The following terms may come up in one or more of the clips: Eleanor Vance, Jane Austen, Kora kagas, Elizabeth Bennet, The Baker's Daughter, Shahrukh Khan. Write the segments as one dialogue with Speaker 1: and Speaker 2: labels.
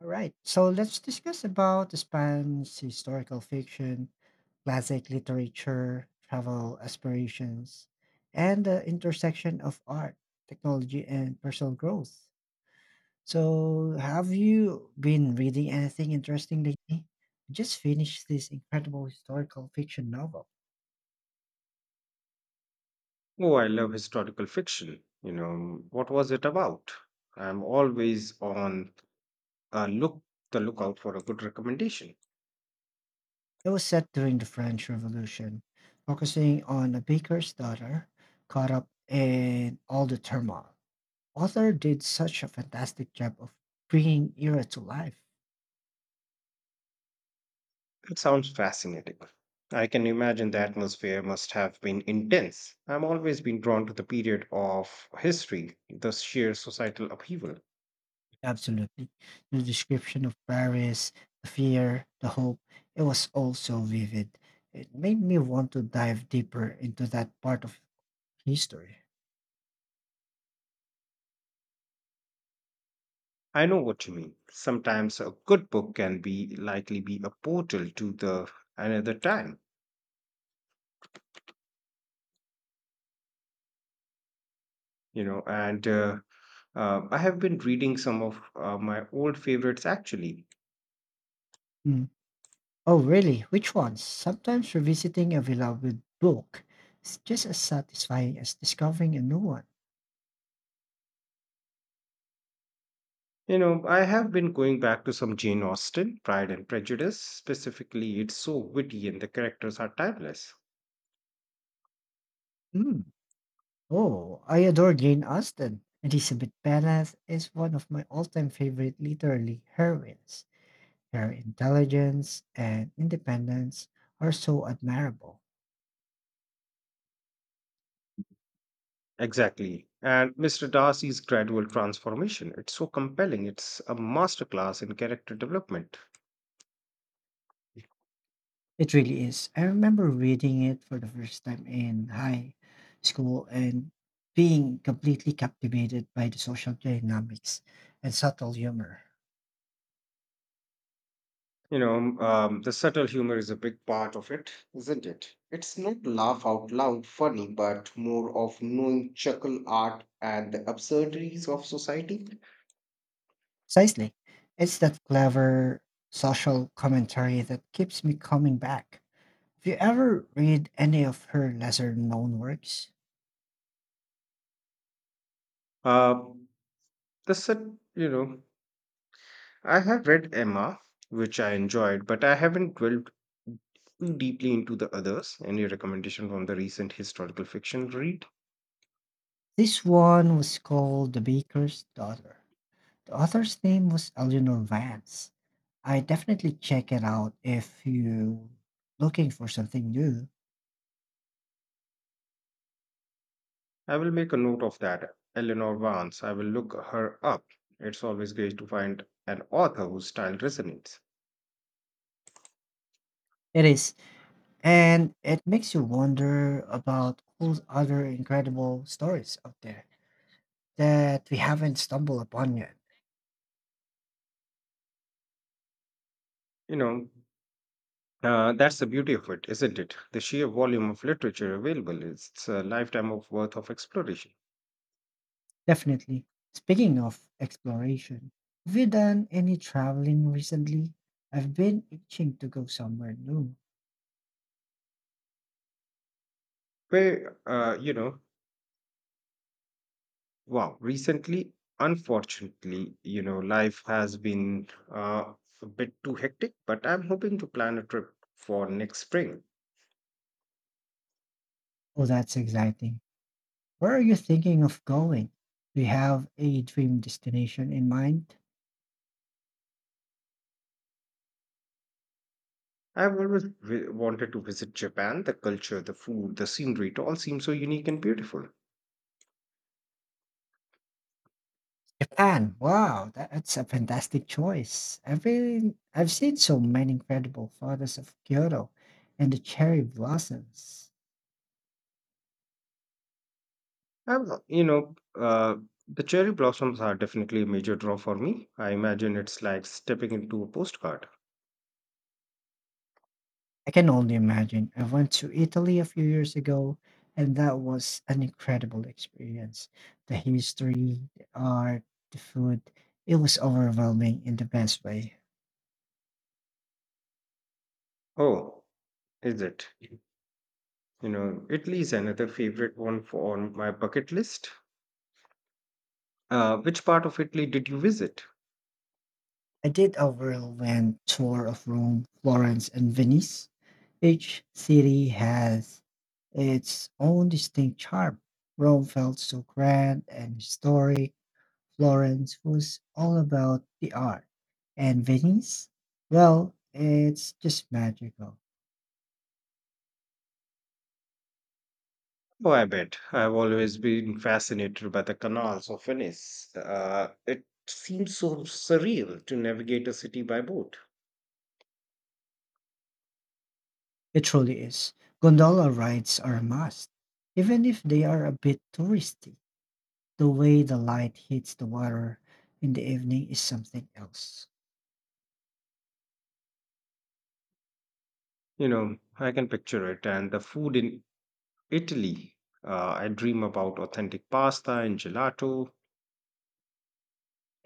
Speaker 1: All right. So let's discuss about the spans, historical fiction, classic literature, travel aspirations, and the intersection of art, technology, and personal growth. So, have you been reading anything interesting lately? I just finished this incredible historical fiction novel.
Speaker 2: Oh, I love historical fiction. You know, what was it about? I'm always on a look the lookout for a good recommendation.
Speaker 1: It was set during the French Revolution, focusing on a baker's daughter caught up in all the turmoil. Author did such a fantastic job of bringing era to life.
Speaker 2: It sounds fascinating. I can imagine the atmosphere must have been intense. I'm always been drawn to the period of history, the sheer societal upheaval.
Speaker 1: Absolutely. The description of Paris, the fear, the hope, it was all so vivid. It made me want to dive deeper into that part of history.
Speaker 2: I know what you mean. Sometimes a good book can be likely be a portal to the another time, you know, and I have been reading some of my old favorites actually.
Speaker 1: Mm. Oh, really? Which ones? Sometimes revisiting a beloved book is just as satisfying as discovering a new one.
Speaker 2: You know, I have been going back to some Jane Austen, Pride and Prejudice. Specifically, it's so witty and the characters are timeless.
Speaker 1: Mm. Oh, I adore Jane Austen. Elizabeth Bennet is one of my all-time favorite literary heroines. Her intelligence and independence are so admirable.
Speaker 2: Exactly. And Mr. Darcy's gradual transformation, it's so compelling. It's a masterclass in character development.
Speaker 1: It really is. I remember reading it for the first time in high school and being completely captivated by the social dynamics and subtle humor.
Speaker 2: The subtle humor is a big part of it, isn't it? It's not laugh out loud funny, but more of knowing chuckle art and the absurdities of society.
Speaker 1: Precisely. It's that clever social commentary that keeps me coming back. If you ever read any of her lesser known works,
Speaker 2: Uh, the set, you know, I have read Emma, which I enjoyed, but I haven't dwelled too deeply into the others. Any recommendation from the recent historical fiction read?
Speaker 1: this one was called The Baker's Daughter. The author's name was Eleanor Vance. I definitely check it out if you looking for something new.
Speaker 2: I will make a note of that. Eleanor Vance, I will look her up. It's always great to find an author whose style resonates.
Speaker 1: It is, and it makes you wonder about all the other incredible stories out there that we haven't stumbled upon yet.
Speaker 2: You know, that's the beauty of it, isn't it? The sheer volume of literature available. It's a lifetime of worth of exploration.
Speaker 1: Definitely. Speaking of exploration, have you done any traveling recently? I've been itching to go somewhere new.
Speaker 2: Where, uh, you know, wow, recently, unfortunately, you know, life has been uh, a bit too hectic, but I'm hoping to plan a trip for next spring.
Speaker 1: Oh, that's exciting. Where are you thinking of going? Do you have a dream destination in mind?
Speaker 2: Wanted to visit Japan. The culture, the food, the scenery, it all seems so unique and beautiful.
Speaker 1: Japan. Wow, that's a fantastic choice. I've seen so many incredible photos of Kyoto and the cherry blossoms.
Speaker 2: Um, you know, uh, the cherry blossoms are definitely a major draw for me. I imagine it's like stepping into a postcard.
Speaker 1: I can only imagine. I went to Italy a few years ago, and that was an incredible experience. The history, the art, the food, it was overwhelming in the best way.
Speaker 2: Oh, is it? You know, Italy is another favorite one for on my bucket list. Which part of Italy did you visit?
Speaker 1: I did a whirlwind tour of Rome, Florence, and Venice. Each city has its own distinct charm. Rome felt so grand and historic. Florence was all about the art. And Venice, well, it's just magical.
Speaker 2: Oh, I bet. I've always been fascinated by the canals of Venice. It seems so surreal to navigate a city by boat.
Speaker 1: It truly is. Gondola rides are a must, even if they are a bit touristy. The way the light hits the water in the evening is something else.
Speaker 2: You know, I can picture it, and the food in Italy. I dream about authentic pasta and gelato.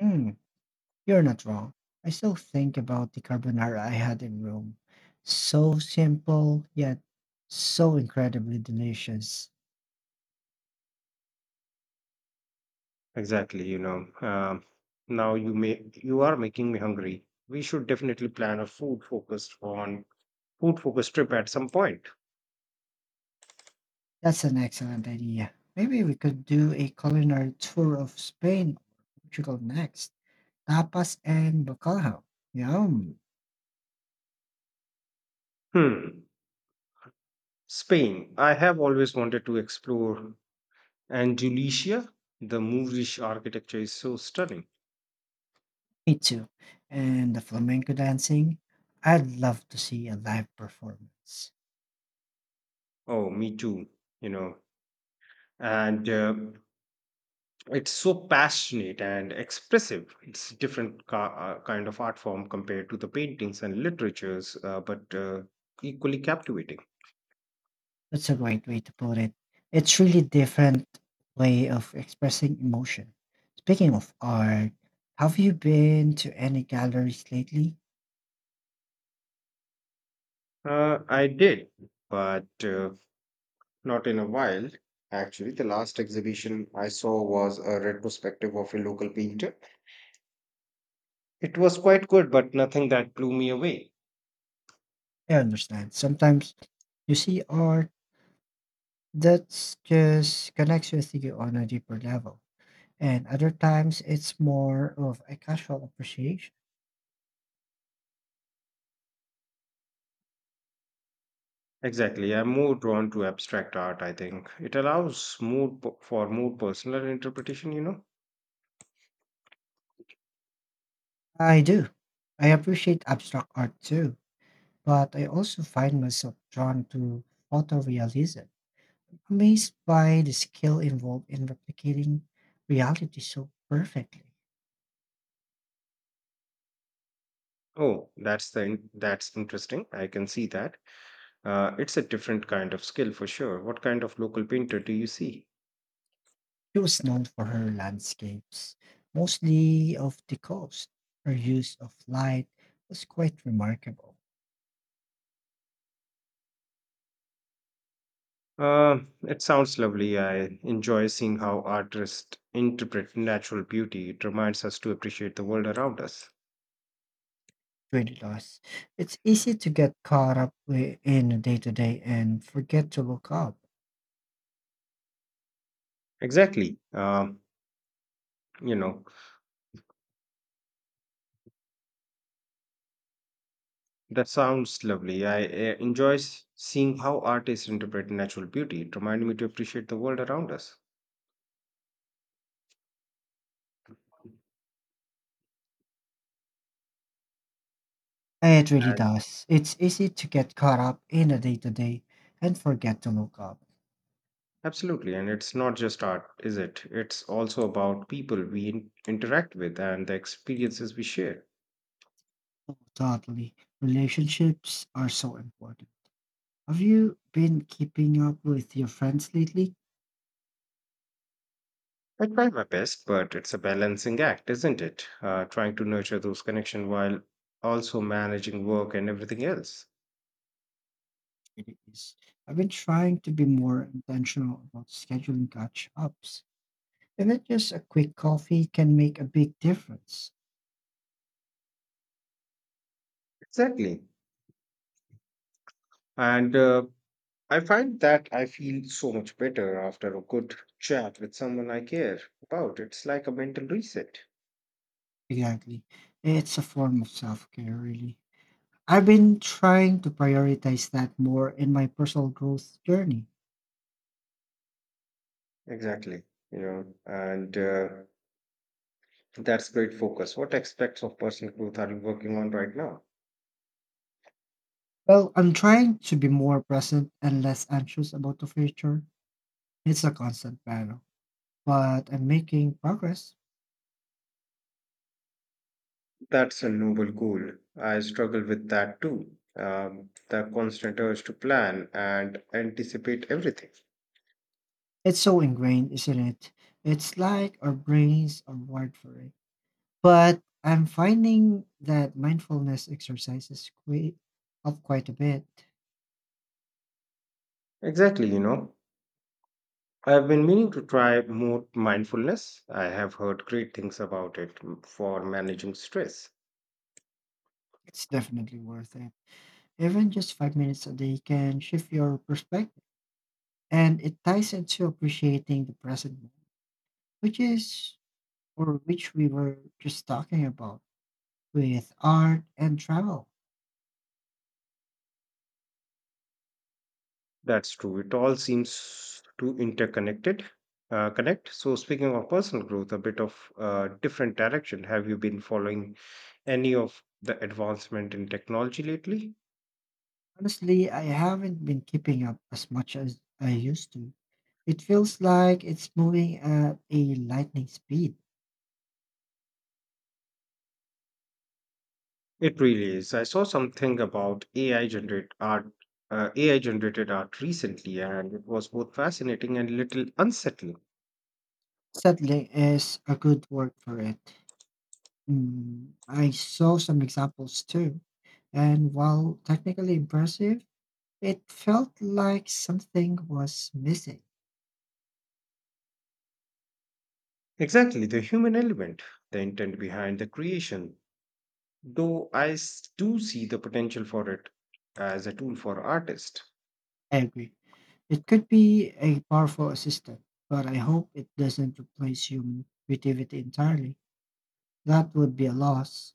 Speaker 1: Mm. You're not wrong. I still think about the carbonara I had in Rome. So simple, yet so incredibly delicious.
Speaker 2: Exactly, you know. Um, Now you are making me hungry. We should definitely plan a food focused on food focused trip at some point.
Speaker 1: That's an excellent idea. Maybe we could do a culinary tour of Spain or Portugal next. Tapas and bacalhau. Yum.
Speaker 2: Hmm. Spain. I have always wanted to explore Andalusia. The Moorish architecture is so stunning.
Speaker 1: Me too. And the flamenco dancing. I'd love to see a live performance.
Speaker 2: Oh, me too. You know, and It's so passionate and expressive. It's different ca- kind of art form compared to the paintings and literatures, but equally captivating.
Speaker 1: That's a great way to put it. It's really different way of expressing emotion. Speaking of art, have you been to any galleries lately?
Speaker 2: I did, but not in a while. Actually, the last exhibition I saw was a retrospective of a local painter. It was quite good, but nothing that blew me away.
Speaker 1: I understand. Sometimes you see art that's just connects with you on a deeper level. And other times it's more of a casual appreciation.
Speaker 2: Exactly, I'm more drawn to abstract art. I think it allows more for more personal interpretation, you know.
Speaker 1: I do. I appreciate abstract art too, but I also find myself drawn to photorealism. Amazed by the skill involved in replicating reality so perfectly,
Speaker 2: Oh, that's interesting. I can see that. It's a different kind of skill for sure. What kind of local painter do you see?
Speaker 1: she was known for her landscapes, mostly of the coast. Her use of light was quite remarkable.
Speaker 2: It sounds lovely. I enjoy seeing how artists interpret natural beauty. It reminds us to appreciate the world around us.
Speaker 1: It really does. It's easy to get caught up in the day to day and forget to look up.
Speaker 2: Exactly. Um, you know, that sounds lovely. I enjoy seeing how artists interpret natural beauty. It reminds me to appreciate the world around us.
Speaker 1: It really does. It's easy to get caught up in the day to day and forget to look up.
Speaker 2: Absolutely. And it's not just art, is it? It's also about people we interact with and the experiences we share.
Speaker 1: Totally. Relationships are so important. Have you been keeping up with your friends lately?
Speaker 2: I try my best, but it's a balancing act, isn't it? Trying to nurture those connections while also managing work and everything else.
Speaker 1: It is. I've been trying to be more intentional about scheduling catch ups. And that just a quick coffee can make a big difference.
Speaker 2: Exactly. And I find that I feel so much better after a good chat with someone I care about. It's like a mental reset.
Speaker 1: Exactly. It's a form of self care, really. I've been trying to prioritize that more in my personal growth journey.
Speaker 2: Exactly. You know, and That's great focus. What aspects of personal growth are you working on right now?
Speaker 1: Well, I'm trying to be more present and less anxious about the future. It's a constant battle, but I'm making progress.
Speaker 2: That's a noble goal. I struggle with that too. The constant urge to plan and anticipate everything.
Speaker 1: It's so ingrained, isn't it? It's like our brains are wired for it. But I'm finding that mindfulness exercises quite a bit.
Speaker 2: Exactly, you know. I've been meaning to try more mindfulness. I have heard great things about it for managing stress.
Speaker 1: It's definitely worth it. Even just 5 minutes a day can shift your perspective, and it ties into appreciating the present moment, which is or which we were just talking about with art and travel.
Speaker 2: That's true. It all seems to interconnected. Connect. So, speaking of personal growth, a bit of different direction. Have you been following any of the advancement in technology lately?
Speaker 1: Honestly, I haven't been keeping up as much as I used to. It feels like it's moving at a lightning speed.
Speaker 2: It really is. I saw something about AI generated art recently, and it was both fascinating and a little unsettling.
Speaker 1: Settling is a good word for it. Mm, I saw some examples too, and while technically impressive, it felt like something was missing.
Speaker 2: Exactly, the human element, the intent behind the creation. Though I do see the potential for it as a tool for artists.
Speaker 1: I agree. It could be a powerful assistant, but I hope it doesn't replace human creativity entirely. That would be a loss.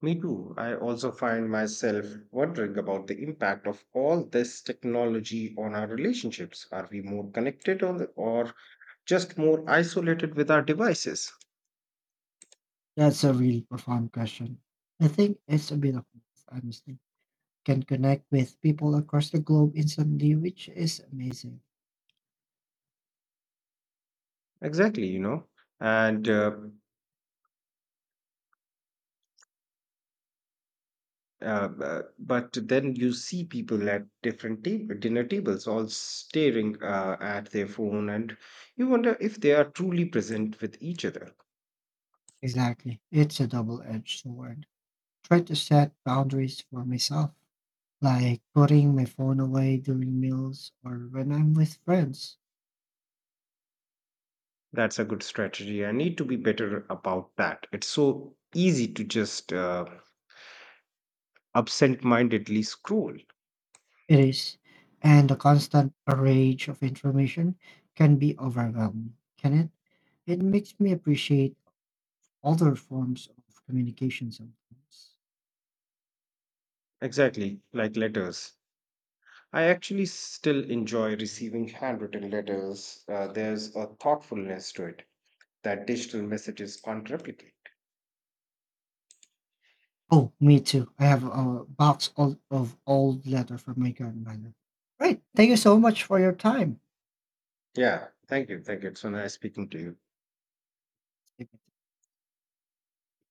Speaker 2: Me too. I also find myself wondering about the impact of all this technology on our relationships. Are we more connected or just more isolated with our devices?
Speaker 1: That's a really profound question. I think it's a bit of both, honestly. Can connect with people across the globe instantly, which is amazing.
Speaker 2: Exactly, you know. And uh, but then you see people at dinner tables all staring at their phone, and you wonder if they are truly present with each other.
Speaker 1: Exactly. It's a double edged sword. Try to set boundaries for myself, like putting my phone away during meals or when I'm with friends.
Speaker 2: That's a good strategy. I need to be better about that. It's so easy to just absent mindedly scroll.
Speaker 1: It is. And the constant barrage of information can be overwhelming, can it? It makes me appreciate other forms of communication sometimes.
Speaker 2: Exactly, like letters. I actually still enjoy receiving handwritten letters. There's a thoughtfulness to it that digital messages can't replicate.
Speaker 1: Oh, me too. I have a box of old letter from my grandmother. Right. Thank you so much for your time.
Speaker 2: Yeah, thank you. Thank you. It's so nice speaking to you.